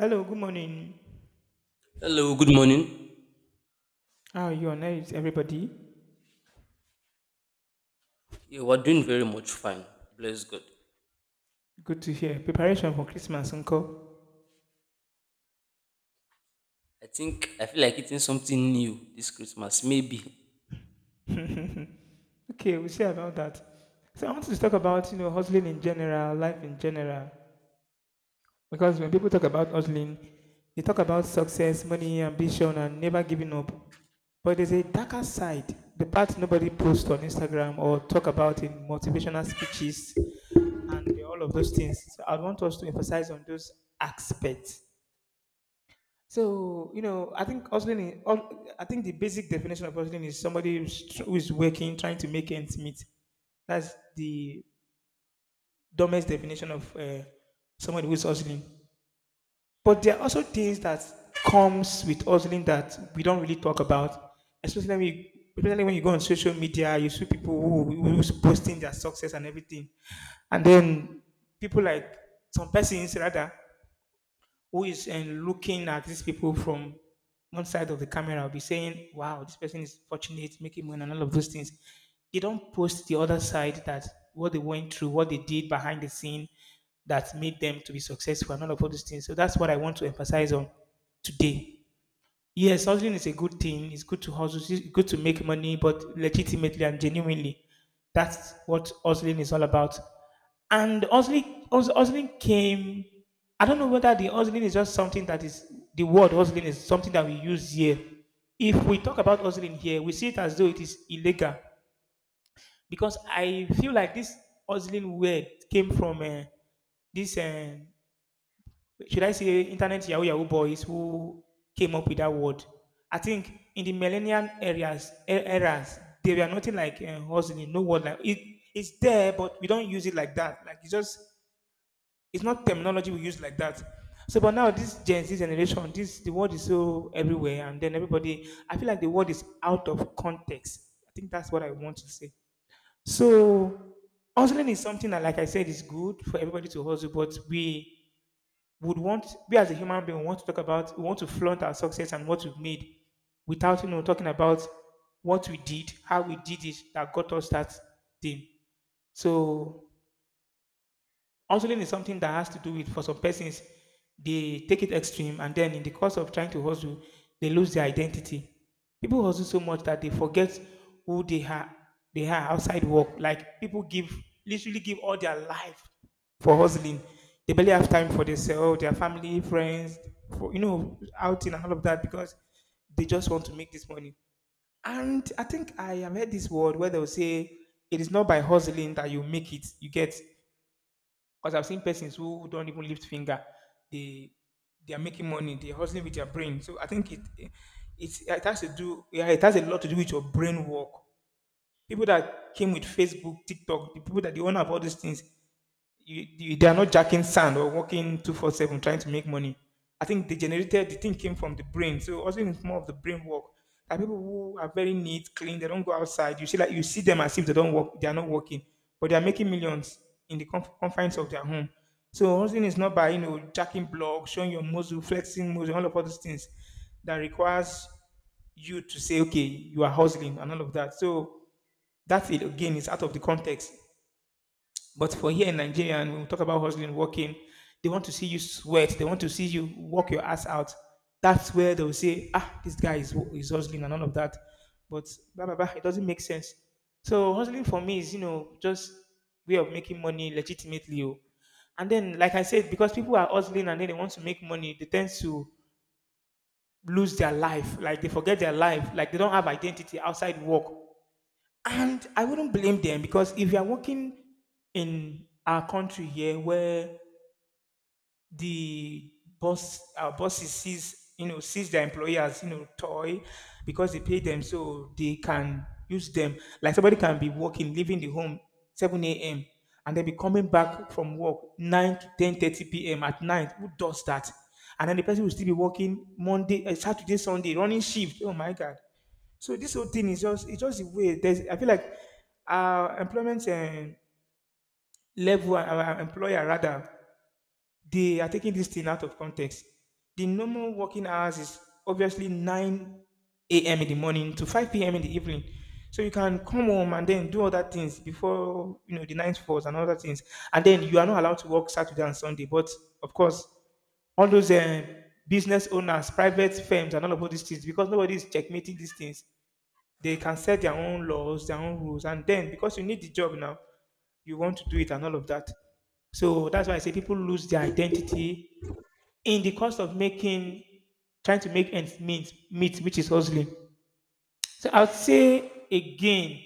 Hello, good morning. Hello, good morning. How are you and how is everybody? Yeah, we're doing very much fine. Bless God. Good to hear. Preparation for Christmas, uncle. I think I feel like eating something new this Christmas, maybe. Okay, we'll see about that. So I wanted to talk about, you know, hustling in general, life in general. Because when people talk about hustling, they talk about success, money, ambition, and never giving up. But there's a darker side, the part nobody posts on Instagram or talk about in motivational speeches and all of those things. So I want us to emphasize on those aspects. So you know, I think hustling I think the basic definition of hustling is somebody who's working, trying to make ends meet. That's the dumbest definition of somebody who's hustling. But there are also things that comes with hustling that we don't really talk about, especially when you, especially when you go on social media, you see people who's posting their success and everything, and then people like, some persons rather, who is looking at these people from one side of the camera will be saying, wow, this person is fortunate, making money, and all of those things. They don't post the other side, that what they went through, what they did behind the scene that made them to be successful, and all of all those things. So that's what I want to emphasize on today. Yes, hustling is a good thing. It's good to hustle. It's good to make money, but legitimately and genuinely, that's what hustling is all about. And hustling came. I don't know whether the hustling is just something that is, the word hustling is something that we use here. If we talk about hustling here, we see it as though it is illegal, because I feel like this hustling word came from this. Should I say internet Yahoo Yahoo boys who came up with that word. I think in the millennial eras, they were nothing like hustling, no word like it. It's there, but we don't use it like that. Like it's just, it's not terminology we use like that. So, but now this Gen Z generation, this, the word is so everywhere, and then everybody. I feel like the word is out of context. I think that's what I want to say. So hustling is something that, like I said, is good for everybody to hustle, but we would want we as a human being want to talk about, we want to flaunt our success and what we've made without, you know, talking about what we did, how we did it, that got us that thing. So hustling is something that has to do with, for some persons, they take it extreme, and then in the course of trying to hustle, they lose their identity. People hustle so much that they forget who they are. They are outside work. Like people give, literally give all their life for hustling. They barely have time for themselves, their family, friends, for, you know, outing and all of that, because they just want to make this money. And I think I have heard this word where they'll say it is not by hustling that you make it. You get, because I've seen persons who don't even lift finger, they they are making money, they're hustling with their brain. So I think it has to do, yeah, it has a lot to do with your brain work. People that came with Facebook, TikTok, the people that they own have all these things, you they are not jacking sand or working 24/7 trying to make money. I think they generated, the thing came from the brain. So also it's more of the brain work. There are people who are very neat, clean, they don't go outside. You see, like you see them as if they don't work, they are not working, but they are making millions in the confines of their home. So hustling is not by, you know, jacking blocks, showing your muscle, flexing muscle, all of all those things that requires you to say, okay, you are hustling and all of that. So that's it, again, it's out of the context. But for here in Nigeria, and when we talk about hustling, working, they want to see you sweat. They want to see you work your ass out. That's where they'll say, ah, this guy is hustling and all of that. But blah, blah, blah, it doesn't make sense. So hustling for me is, you know, just way of making money legitimately. Oh. And then, like I said, because people are hustling and then they want to make money, they tend to lose their life. Like they forget their life. Like they don't have identity outside work. And I wouldn't blame them, because if you are working in our country here, where the boss, our bosses sees, you know, sees their employee as, you know, toy because they pay them so they can use them. Like somebody can be working, leaving the home 7 a.m and then be coming back from work 9 to 10:30 p.m. at night. Who does that? And then the person will still be working Monday, Saturday, Sunday, running shift. Oh my God. So this whole thing is just, it's just the way, there's, I feel like our employment level, our employer rather, they are taking this thing out of context. The normal working hours is obviously 9 a.m. in the morning to 5 p.m. in the evening. So you can come home and then do other things before, you know, the night falls and other things. And then you are not allowed to work Saturday and Sunday. But of course, all those business owners, private firms, and all of all these things, because nobody is checkmating these things, they can set their own laws, their own rules. And then because you need the job now, you want to do it and all of that. So that's why I say people lose their identity in the cost of making, trying to make ends meet, which is hustling. So I would say again,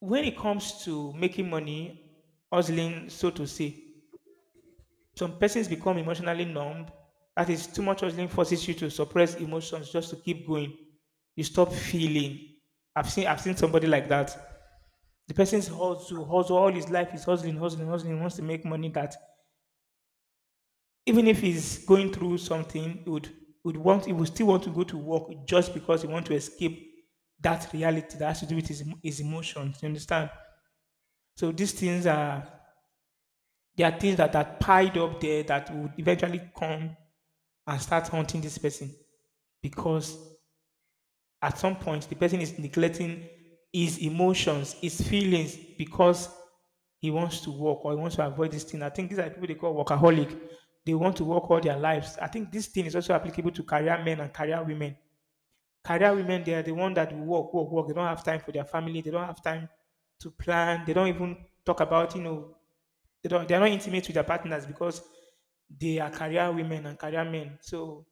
when it comes to making money, hustling so to say, some persons become emotionally numb. That is, too much hustling forces you to suppress emotions just to keep going. You stop feeling. I've seen somebody like that. The person's hustle all his life, is hustling, hustling, hustling, wants to make money that, even if he's going through something, he would want he would still want to go to work just because he want to escape that reality that has to do with his emotions. You understand? So these things are there are things that are piled up there that would eventually come and start haunting this person, because at some point the person is neglecting his emotions, his feelings, because he wants to work or he wants to avoid this thing. I think these are people they call workaholic. They want to work all their lives. I think this thing is also applicable to career men and career women. Career women, they are the one that will work, work, work. They don't have time for their family. They don't have time to plan. They don't even talk about, you know, they don't, they're not intimate with their partners because they are career women and career men. So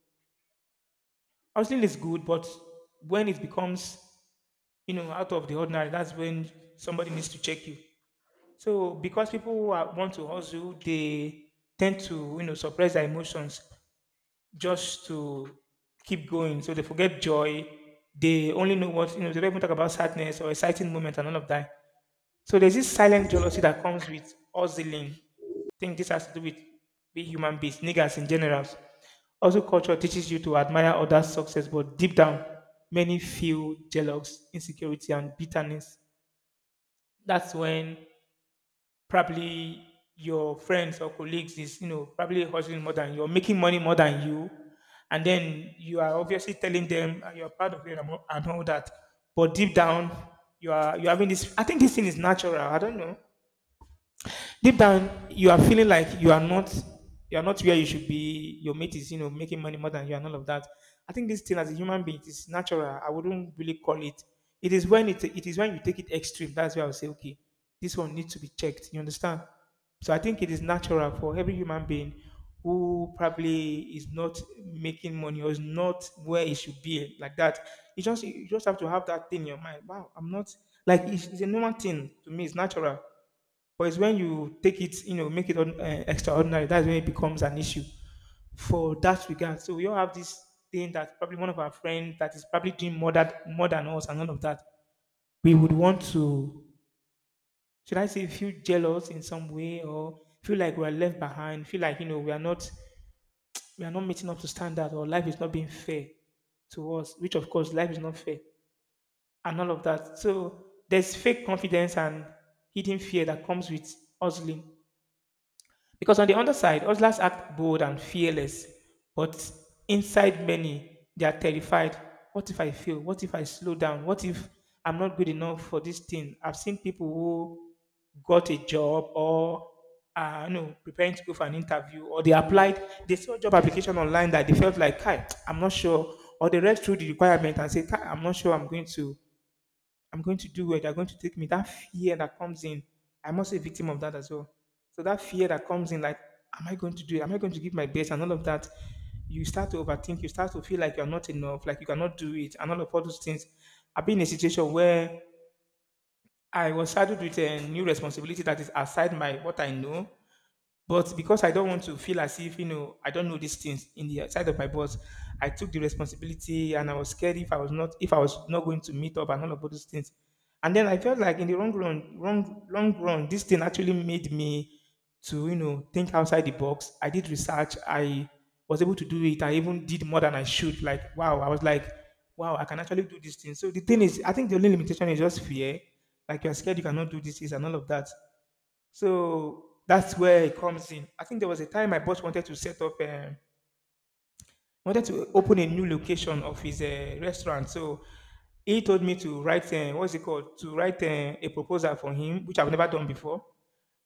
counseling is good, but when it becomes, you know, out of the ordinary, that's when somebody needs to check you. So because people who are, want to hustle, they tend to, you know, suppress their emotions just to keep going. So they forget joy. They only know what, you know, they don't even talk about sadness or exciting moments and all of that. So there's this silent jealousy that comes with hustling. I think this has to do with being human beings, niggas in general. Also, culture teaches you to admire others' success, but deep down, many feel jealous, insecurity, and bitterness. That's when probably your friends or colleagues is, you know, probably hustling more than you're making money more than you, and then you are obviously telling them you're proud of them and all that, but deep down you are, you're having this, I think this thing is natural, I don't know. Deep down, you are feeling like you are not where you should be. Your mate is, you know, making money more than you and all of that. I think this thing, as a human being, it is natural. I wouldn't really call it. It is when you take it extreme. That's where I would say, okay, this one needs to be checked. You understand? So I think it is natural for every human being who probably is not making money or is not where it should be like that. You just have to have that thing in your mind. Wow, I'm not like it's a normal thing to me. It's natural. But it's when you take it, you know, make it extraordinary. That's when it becomes an issue for that regard. So we all have this thing that probably one of our friends that is probably doing more than us and all of that. We would want to, should I say, feel jealous in some way or feel like we are left behind, feel like you know we are not meeting up to standard or life is not being fair to us, which of course life is not fair and all of that. So there's fake confidence and hidden fear that comes with hustling. Because on the underside, hustlers act bold and fearless, but inside many, they are terrified. What if I fail? What if I slow down? What if I'm not good enough for this thing? I've seen people who got a job or no, preparing to go for an interview, or they applied, they saw job application online that they felt like, Kai, I'm not sure, or they read through the requirement and said, Kai, I'm not sure I'm going to do it. They're going to take me. That fear that comes in, I'm also a victim of that as well. So that fear that comes in, like, am I going to do it? Am I going to give my best? And all of that, you start to overthink. You start to feel like you're not enough, like you cannot do it, and all of all those things. I've been in a situation where I was saddled with a new responsibility that is outside my what I know. But because I don't want to feel as if, you know, I don't know these things in the side of my boss, I took the responsibility and I was scared if I was not going to meet up and all of those things. And then I felt like in the long run, wrong long run, this thing actually made me to, you know, think outside the box. I did research, I was able to do it. I even did more than I should. Like, wow, I was like, wow, I can actually do this thing. So the thing is, I think the only limitation is just fear. Like you're scared you cannot do this, this and all of that. So that's where it comes in. I think there was a time my boss wanted to set up, wanted to open a new location of his restaurant. So he told me to write, what's it called, to write a proposal for him, which I've never done before.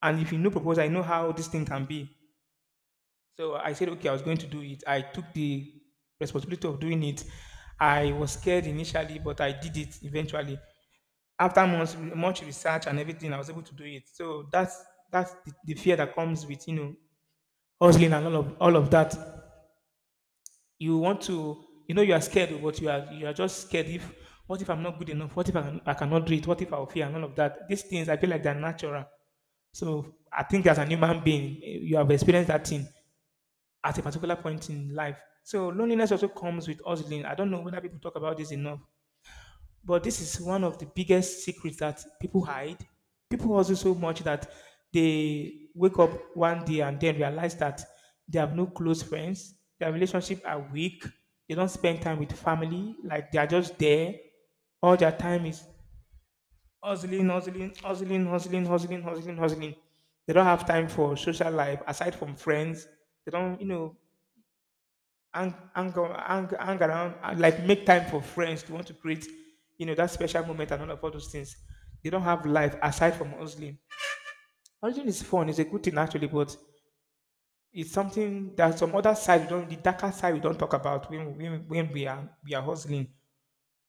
And if you know proposal, I know how this thing can be. So I said, okay, I was going to do it. I took the responsibility of doing it. I was scared initially, but I did it eventually. After months, much research and everything, I was able to do it. So that's the fear that comes with you know hustling and all of that. You want to, you know, you are scared, but you are just scared. If what if I'm not good enough? What if I cannot do it? What if I'll fail and all of that? These things I feel like they're natural. So I think as an human being, eh, you have experienced that thing at a particular point in life. So loneliness also comes with hustling. I don't know whether people talk about this enough. But this is one of the biggest secrets that people hide. People hustle so much that they wake up one day and then realize that they have no close friends, their relationships are weak, they don't spend time with family, like they are just there. All their time is hustling, hustling, hustling, hustling, hustling, hustling, hustling. They don't have time for social life aside from friends. They don't, you know, hang, hang, on, hang, hang around, and, like make time for friends to want to create, you know, that special moment and all of all those things. They don't have life aside from hustling. Hustling is fun, it's a good thing actually, but it's something that some other side, we don't, the darker side we don't talk about when we are hustling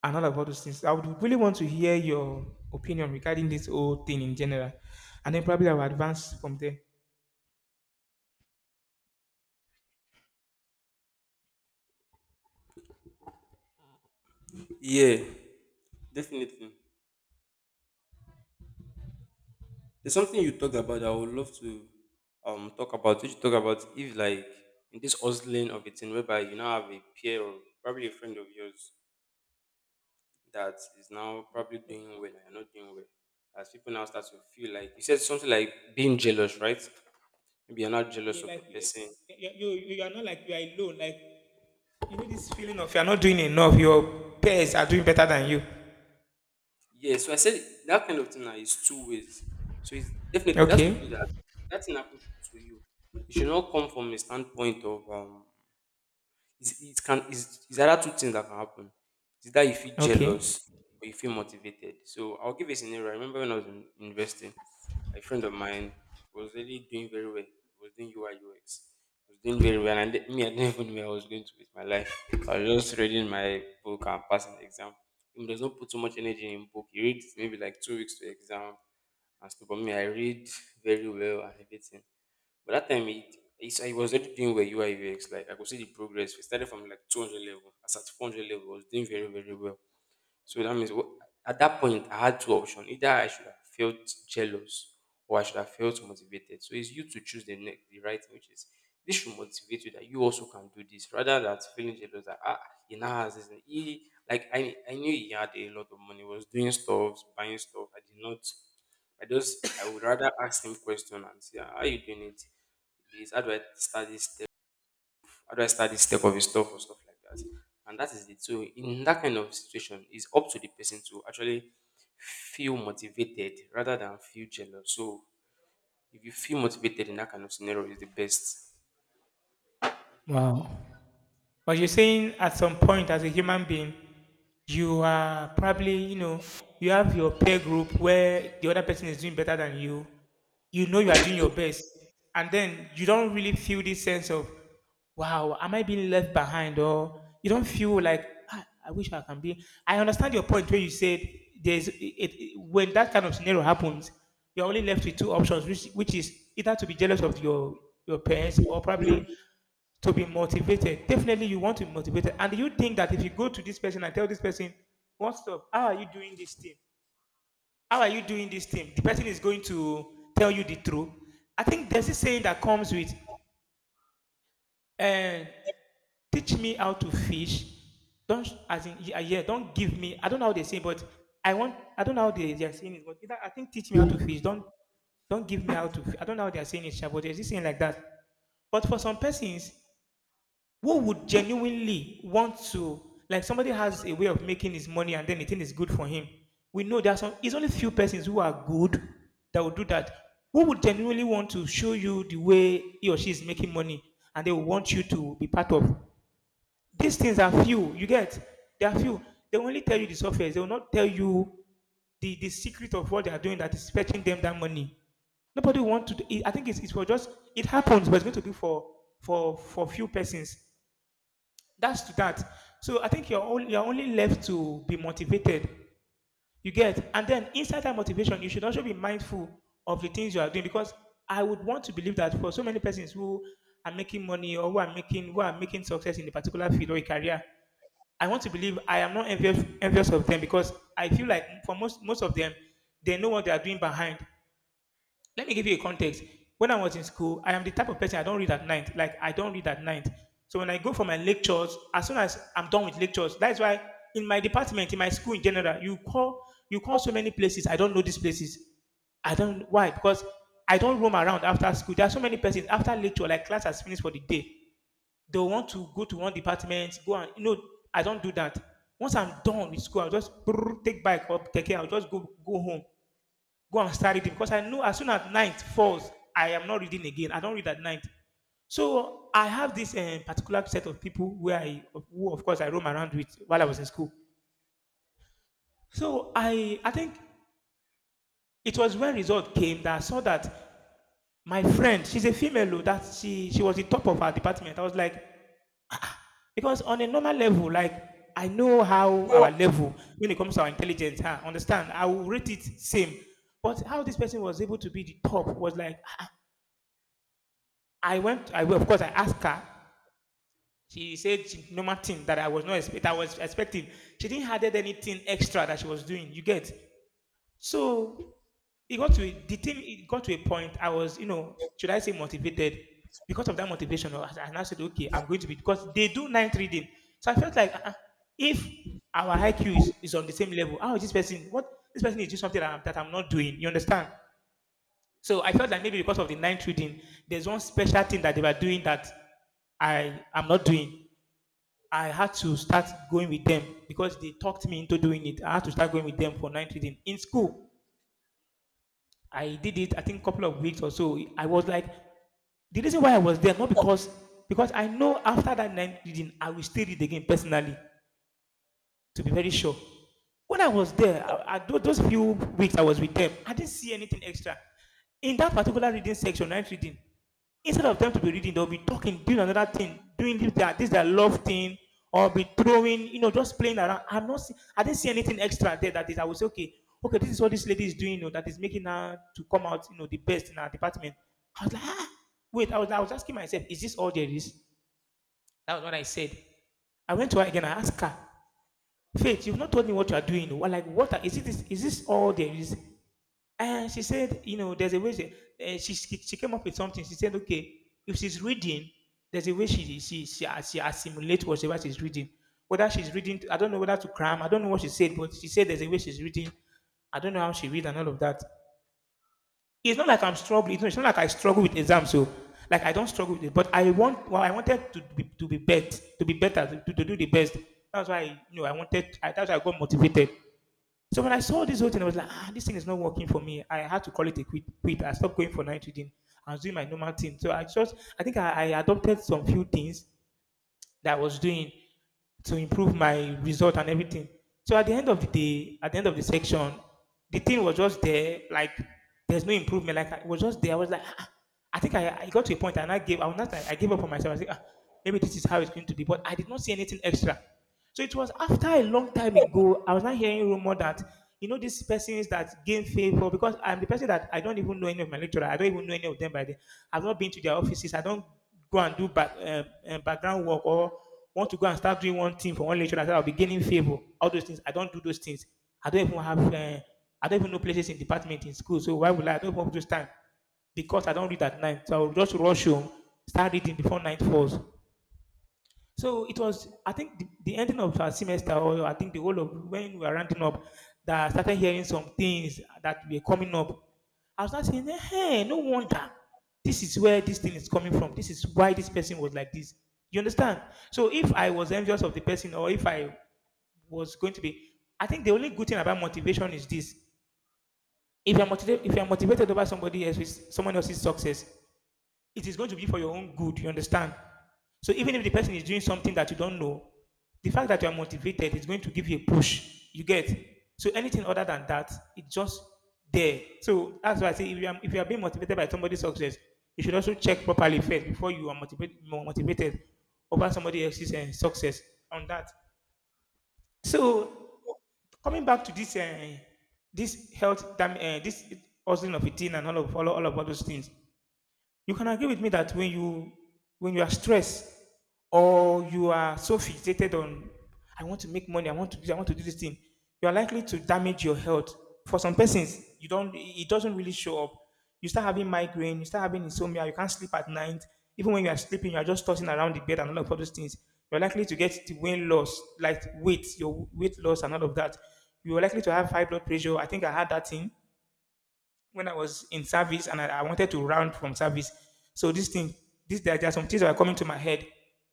and all of all those things. I would really want to hear your opinion regarding this whole thing in general. And then probably I will advance from there. Yeah, definitely. There's something you talked about that I would love to talk about. Which you talk about if like in this hustling of a thing whereby you now have a peer or probably a friend of yours that is now probably doing well and you're not doing well. As people now start to feel like you said something like being jealous, right? Maybe you're not jealous Yeah, of the like person. you, you you are not like you are alone. Like you know this feeling of you're not doing enough, your peers are doing better than you. Yeah, so I said that kind of thing now is two ways. So it's definitely it has to Okay. be that that thing happens to you. It should not come from a standpoint of it's, it can it's either two things that can happen. It's either you feel Okay. jealous or you feel motivated. So I'll give a scenario. I remember when I was in investing, a friend of mine was really doing very well. He was doing UI. He was doing very well. And me, I didn't even know where I was going to with my life. I was just reading my book and passing the exam. He does not put too much energy in book. He reads maybe like 2 weeks to exam and stuff. But me, I read very well and everything. But that time I was already doing well UI UX. Like I could see the progress. We started from like 200 level. As at 400 level, I was doing very very well. So that means at that point, I had two options. Either I should have felt jealous or I should have felt motivated. So it's you to choose the right thing, which is this should motivate you that you also can do this rather than feeling jealous that he now has this. And he, like I knew he had a lot of money, was doing stuff, buying stuff. I did not, I just, I would rather ask him question and say, "Ah, how you doing it? This, how do I start this step of his stuff or stuff like that?" And that is it. So in that kind of situation, it's up to the person to actually feel motivated rather than feel jealous. So if you feel motivated in that kind of scenario, is the best. Wow. But you're saying at some point as a human being, you are probably, you know, you have your peer group where the other person is doing better than you. You know you are doing your best. And then you don't really feel this sense of, wow, am I being left behind? Or you don't feel like, ah, I wish I can be. I understand your point where you said when that kind of scenario happens, you're only left with two options, which is either to be jealous of your peers or probably to be motivated. Definitely, you want to be motivated. And you think that if you go to this person and tell this person, what's up? How are you doing this thing? How are you doing this thing? The person is going to tell you the truth. I think there's a saying that comes with, uh, teach me how to fish. Don't, as in, yeah, yeah, don't give me, I don't know how they say, but I want, I don't know how they are saying it, but either, I think teach me how to fish. Don't give me how to, fi-" I don't know how they are saying it, sha, but there's this saying like that. But for some persons, who would genuinely want to, like somebody has a way of making his money and then the thing is good for him. We know there's some, it's only few persons who are good that will do that, who would genuinely want to show you the way he or she is making money and they will want you to be part of. These things are few, you get, they are few. They will only tell you the software, they will not tell you the secret of what they are doing that is fetching them that money. Nobody wants to. I think it's for just, it happens but it's going to be for for few persons that's to that. So I think you're only left to be motivated. You get, and then inside that motivation, you should also be mindful of the things you are doing because I would want to believe that for so many persons who are making money or who are making success in a particular field or a career, I want to believe I am not envious, envious of them because I feel like for most of them, they know what they are doing behind. Let me give you a context. When I was in school, I am the type of person I don't read at night. Like I don't read at night. So when I go for my lectures, as soon as I'm done with lectures, that's why in my department, in my school in general, you call so many places. I don't know these places. I don't why because I don't roam around after school. There are so many persons after lecture, like class has finished for the day. They want to go to one department, go and you know. I don't do that. Once I'm done with school, I'll just brrr, take bike or take care. I'll just go home. Go and start reading because I know as soon as night falls, I am not reading again. I don't read at night. So I have this eh, particular set of people where I, who of course I roam around with while I was in school. So I think it was when result came that I saw that my friend, she's a female, oh, that she was the top of her department. I was like, because on a normal level, like I know how our level when it comes to our intelligence, huh? Understand? I will rate it same. But how this person was able to be the top was like I went, I of course, I asked her. She said normal thing that I was expecting. She didn't added anything extra that she was doing. You get so it got to a- the thing. It got to a point. I was, you know, should I say motivated because of that motivation? I now said, okay, I'm going to be because they do night reading. So I felt like if our IQ is on the same level, how is this person? What This person is doing something that that I'm not doing. You understand? So I felt like maybe because of the ninth reading, there's one special thing that they were doing that I am not doing. I had to start going with them because they talked me into doing it. I had to start going with them for ninth reading. In school, I did it, I think, a couple of weeks or so. I was like, the reason why I was there, not because because I know after that ninth reading, I will still read again personally, to be very sure. When I was there, those few weeks I was with them, I didn't see anything extra. In that particular reading section, night reading, instead of them to be reading, they'll be talking, doing another thing, doing this, that love thing, or be throwing, you know, just playing around. I'm not, see, I didn't see anything extra there that is, I would say, okay, this is what this lady is doing, you know, that is making her to come out, you know, the best in her department. I was like, ah, wait, I was asking myself, is this all there is? That was what I said. I went to her again, I asked her, Faith, you've not told me what you are doing. Well, like, is it this, is this all there is? And she said, you know, there's a way. She came up with something. She said, okay, if she's reading, there's a way she assimilates whatever she's reading. Whether she's reading, I don't know whether to cram. I don't know what she said, but she said there's a way she's reading. I don't know how she read and all of that. It's not like I'm struggling. It's not like I struggle with exams, so like I don't struggle with it. But I wanted to be to be better, to do the best. That's why you know I wanted. That's why I got motivated. So when I saw this whole thing, I was like, ah, this thing is not working for me. I had to call it a quit. Quit. I stopped going for night reading. I was doing my normal thing. So I just, I adopted some few things that I was doing to improve my result and everything. So at the end of the day, at the end of the section, the thing was just there. Like there's no improvement. Like it was just there. I was like, "Ah, ah." I got to a point and I gave. I was not, like, I gave up on myself. I said, ah, maybe this is how it's going to be. But I did not see anything extra. So it was after a long time ago. I was not hearing rumor that you know these persons that gain favor because I'm the person that I don't even know any of my lecturer. I don't even know any of them by the. I've not been to their offices. I don't go and do back, background work or want to go and start doing one thing for one lecture. I said I'll be gaining favor. All those things. I don't do those things. I don't even have. I don't even know places in department in school. So why would I? I don't even have those time because I don't read at night. So I'll just rush home, start reading before night falls. So it was, I think, the ending of our semester, or I think the whole of when we were rounding up, that I started hearing some things that were coming up. I was not saying, hey, no wonder. This is where this thing is coming from. This is why this person was like this. You understand? So if I was envious of the person, or if I was going to be, I think the only good thing about motivation is this: if you're motivated over somebody else's someone else's success, it is going to be for your own good. You understand? So even if the person is doing something that you don't know, the fact that you are motivated is going to give you a push. You get? So anything other than that, it's just there. So that's why I say if you are being motivated by somebody's success, you should also check properly first before you are motivated more motivated over somebody else's success on that. So coming back to this this hustling of a teen and all those things, you can agree with me that when you are stressed or you are so fixated on I want to make money, I want to do this, I want to do this thing, you are likely to damage your health. For some persons, you don't, it doesn't really show up. You start having migraine, you start having insomnia, you can't sleep at night. Even when you are sleeping, you are just tossing around the bed and all of those things. You're likely to get the weight loss, like your weight loss and all of that. You're likely to have high blood pressure. I think I had that thing when I was in service and I wanted to round from service. So this thing, there are some things that are coming to my head.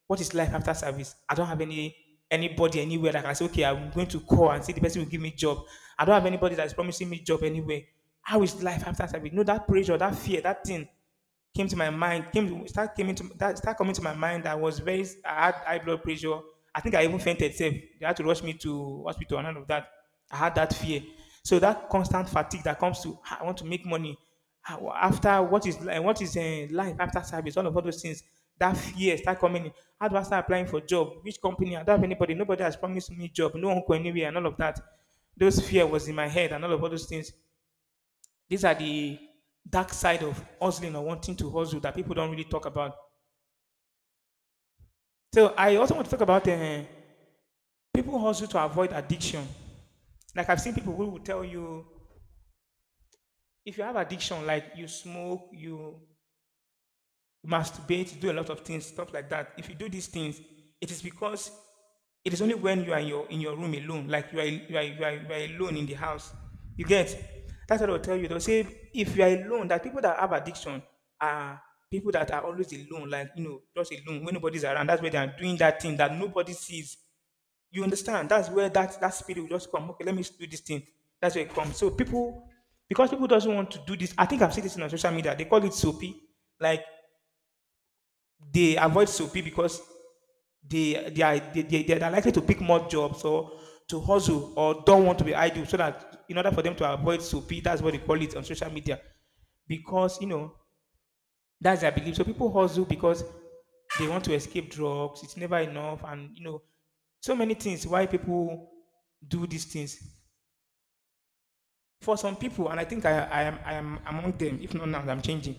What is life after service? I don't have anybody anywhere that I can say, okay, I'm going to call and see the person will give me job. I don't have anybody that is promising me job anywhere. How is life after service? No, that pressure, that fear, that thing came to my mind came to, start came into that start coming to my mind. I was very, I had high blood pressure. I think I even fainted, safe they had to rush me to hospital and all of that. I had that fear. So that constant fatigue that comes to, "Ah, I want to make money. Ah, wha- after what is li- what is eh, life after service, all of all those things, that fear start coming in. How do I start applying for job? Which company? I don't have anybody, nobody has promised me job, no uncle anywhere and all of that. Those fear was in my head and all those things. These are the dark side of hustling or wanting to hustle that people don't really talk about. So I also want to talk about people hustle to avoid addiction. Like I've seen people who will tell you if you have addiction, like you smoke, you masturbate, do a lot of things, stuff like that. If you do these things, it is because it is only when you are in your room alone, like you are alone in the house. You get that's what I will tell you. They'll say if you are alone, that people that have addiction are people that are always alone, like you know, just alone when nobody's around. That's where they are doing that thing that nobody sees. You understand? That's where that spirit will just come. Okay, let me do this thing. That's where it comes. So people, because people doesn't want to do this. I think I've seen this on social media. They call it soapy. Like they avoid soapy because they are likely to pick more jobs or to hustle or don't want to be idle so that in order for them to avoid soapy, that's what they call it on social media because you know that's their belief. So people hustle because they want to escape drugs, it's never enough, and you know so many things why people do these things. For some people, and I am among them, if not now, I'm changing.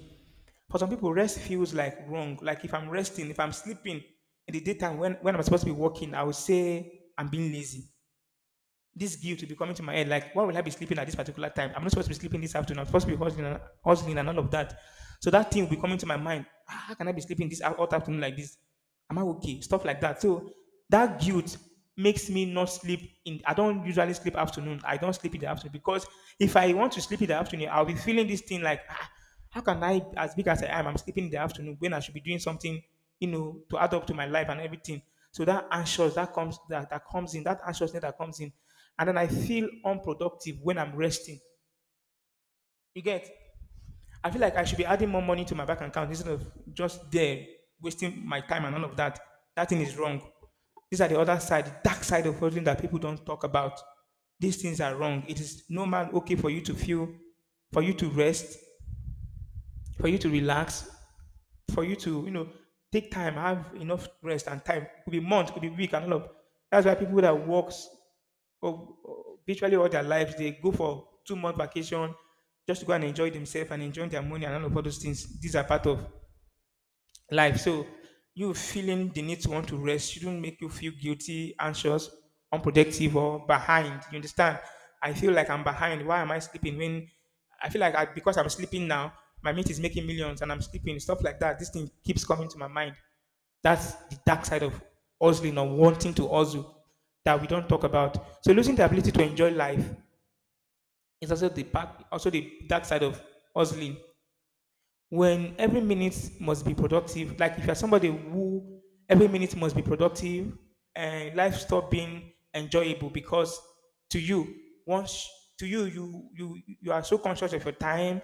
For some people, rest feels like wrong. Like if I'm resting, if I'm sleeping in the daytime when I'm supposed to be working, I would say I'm being lazy. This guilt will be coming to my head. Like, why will I be sleeping at this particular time? I'm not supposed to be sleeping this afternoon. I'm supposed to be hustling and all of that. So that thing will be coming to my mind. How can I be sleeping this out all afternoon like this? Am I okay? Stuff like that. So that guilt makes me not sleep in. I don't usually sleep afternoon. I don't sleep in the afternoon because if I want to sleep in the afternoon, I'll be feeling this thing like, how can I, as big as I am, I'm sleeping in the afternoon when I should be doing something, to add up to my life and everything. So that anxious that comes that comes in, that anxiousness that comes in, and then I feel unproductive when I'm resting. You get? I feel like I should be adding more money to my bank account instead of just there wasting my time and all of that. That thing is wrong. These are the other side, the dark side of holding that people don't talk about. These things are wrong. It is normal, okay, for you to feel, for you to rest, for you to relax, for you to, take time, have enough rest and time. Could be months, could be week, and all of. That's why people that works well, virtually all their lives, they go for 2-month vacation just to go and enjoy themselves and enjoy their money and all of all those things. These are part of life. So you feeling the need to want to rest shouldn't make you feel guilty, anxious, unproductive, or behind. You understand? I feel like I'm behind. Why am I sleeping when I feel like because I'm sleeping now, my mate is making millions and I'm sleeping, stuff like that. This thing keeps coming to my mind. That's the dark side of hustling or wanting to hustle that we don't talk about. So losing the ability to enjoy life is also the dark side of hustling when every minute must be productive. Like if you're somebody who every minute must be productive and life stop being enjoyable because to you, once you are so conscious of your time.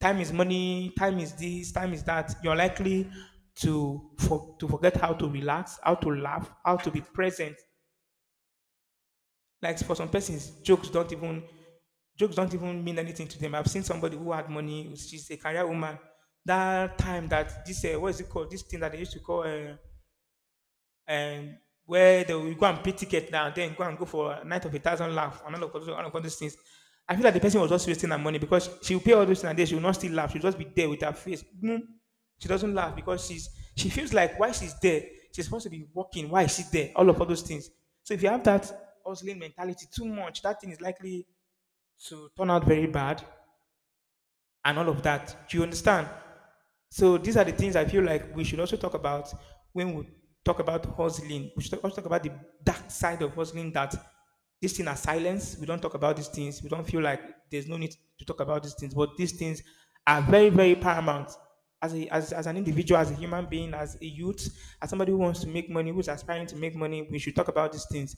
Time is money. Time is this. Time is that. You're likely to forget how to relax, how to laugh, how to be present. Like for some persons, jokes don't even mean anything to them. I've seen somebody who had money. She's a career woman. That time that this what is it called? This thing that they used to call. And where they will go and pay ticket now and then go for a night of a thousand laugh and all of those things. I feel like the person was just wasting her money because she will pay all those things and then she will not still laugh. She'll just be there with her face. Mm. She doesn't laugh because she feels like why she's there, she's supposed to be working. Why is she there? All of all those things. So if you have that hustling mentality too much, that thing is likely to turn out very bad and all of that. Do you understand? So these are the things I feel like we should also talk about when we talk about hustling. We should also talk about the dark side of hustling that these things are silenced. We don't talk about these things. We don't feel like there's no need to talk about these things. But these things are very, very paramount. As an individual, as a human being, as a youth, as somebody who wants to make money, who's aspiring to make money, we should talk about these things.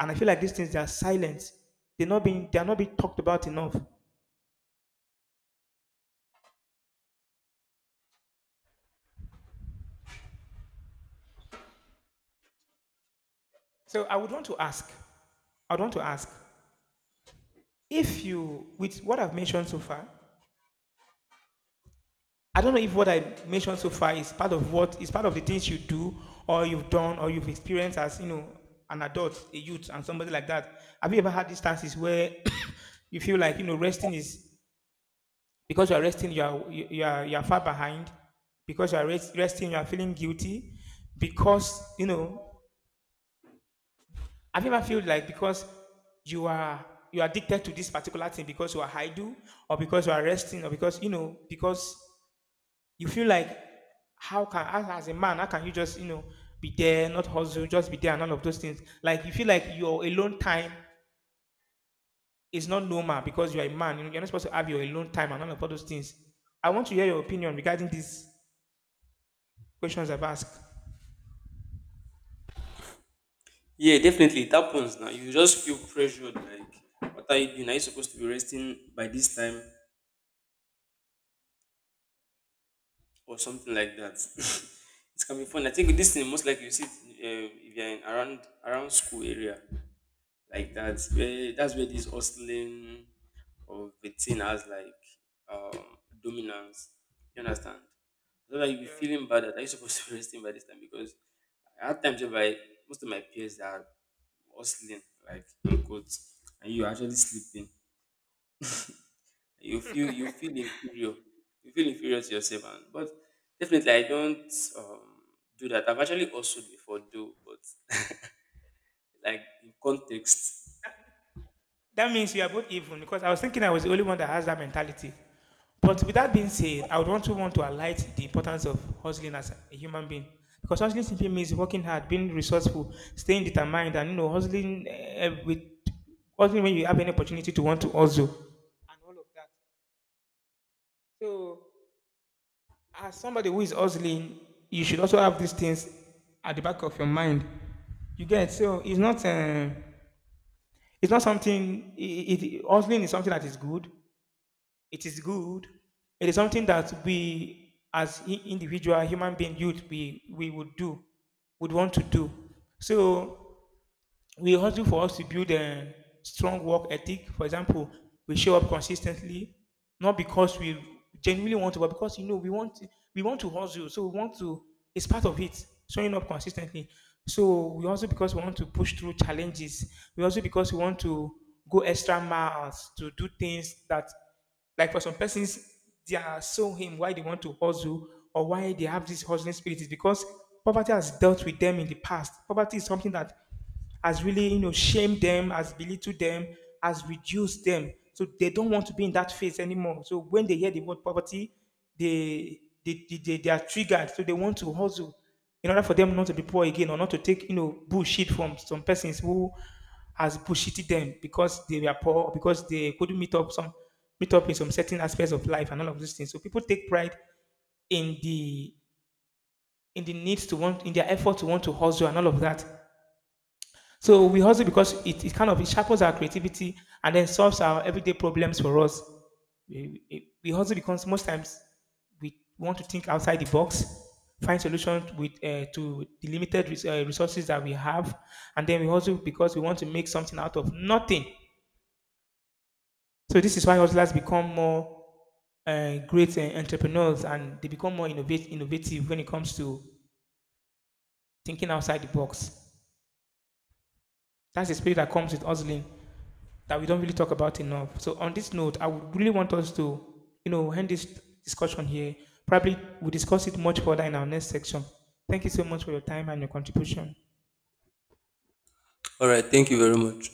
And I feel like these things they are silent. They are not being talked about enough. So I would want to ask, if you with what I've mentioned so far, I don't know if what I mentioned so far is part of what is part of the things you do or you've done or you've experienced as an adult, a youth, and somebody like that. Have you ever had instances where you feel like resting is because you are resting, you are far behind because you are resting, you are feeling guilty because you know. Have you ever felt like because you are you are addicted to this particular thing because you are idle or because you are resting or because you feel like how can as a man how can you just be there not hustle just be there and all of those things like you feel like your alone time is not normal because you're a man, you're not supposed to have your alone time and all of all those things. I want to hear your opinion regarding these questions I've asked. Yeah, definitely. It happens now. You just feel pressured, like, what are you doing? Are you supposed to be resting by this time or something like that? It can be fun. I think this thing, most likely you see it, if you're in around school area. Like that's where this hustling of the thing has like um dominance. You understand? So like you be Yeah. feeling bad that are you supposed to be resting by this time because I had times whereby most of my peers are hustling, like in quotes, and you are actually sleeping. You feel inferior. You feel inferior to yourself and but definitely I don't um do that. I've actually hustled before though, but like in context. That means we are both even because I was thinking I was the only one that has that mentality. But with that being said, I would want to highlight the importance of hustling as a human being. Because hustling simply means working hard, being resourceful, staying determined, and hustling with hustling when you have any opportunity to want to hustle, and all of that. So, as somebody who is hustling, you should also have these things at the back of your mind. You get? So it's not something. Hustling is something that is good. It is good. It is something that we, as individual human being, youth, we would do, would want to do. So we hustle for us to build a strong work ethic. For example, we show up consistently, not because we genuinely want to, but because we want to hustle. So we want to. It's part of it. Showing up consistently. So we also because we want to push through challenges. We also because we want to go extra miles to do things that, like for some persons, they are so him why they want to hustle or why they have this hustling spirit is because poverty has dealt with them in the past. Poverty is something that has really, shamed them, has belittled them, has reduced them. So they don't want to be in that phase anymore. So when they hear the word poverty, they are triggered. So they want to hustle in order for them not to be poor again or not to take, bullshit from some persons who has bullshitted them because they were poor, or because they couldn't meet up in some certain aspects of life and all of these things. So people take pride in the needs to want in their effort to want to hustle and all of that. So we hustle because it kind of it sharpens our creativity and then solves our everyday problems for us. We hustle because most times we want to think outside the box, find solutions with to the limited resources that we have, and then we hustle because we want to make something out of nothing. So this is why hustlers become more great entrepreneurs and they become more innovative when it comes to thinking outside the box. That's the spirit that comes with hustling that we don't really talk about enough. So on this note, I would really want us to end this discussion here. Probably we'll discuss it much further in our next section. Thank you so much for your time and your contribution. All right, thank you very much.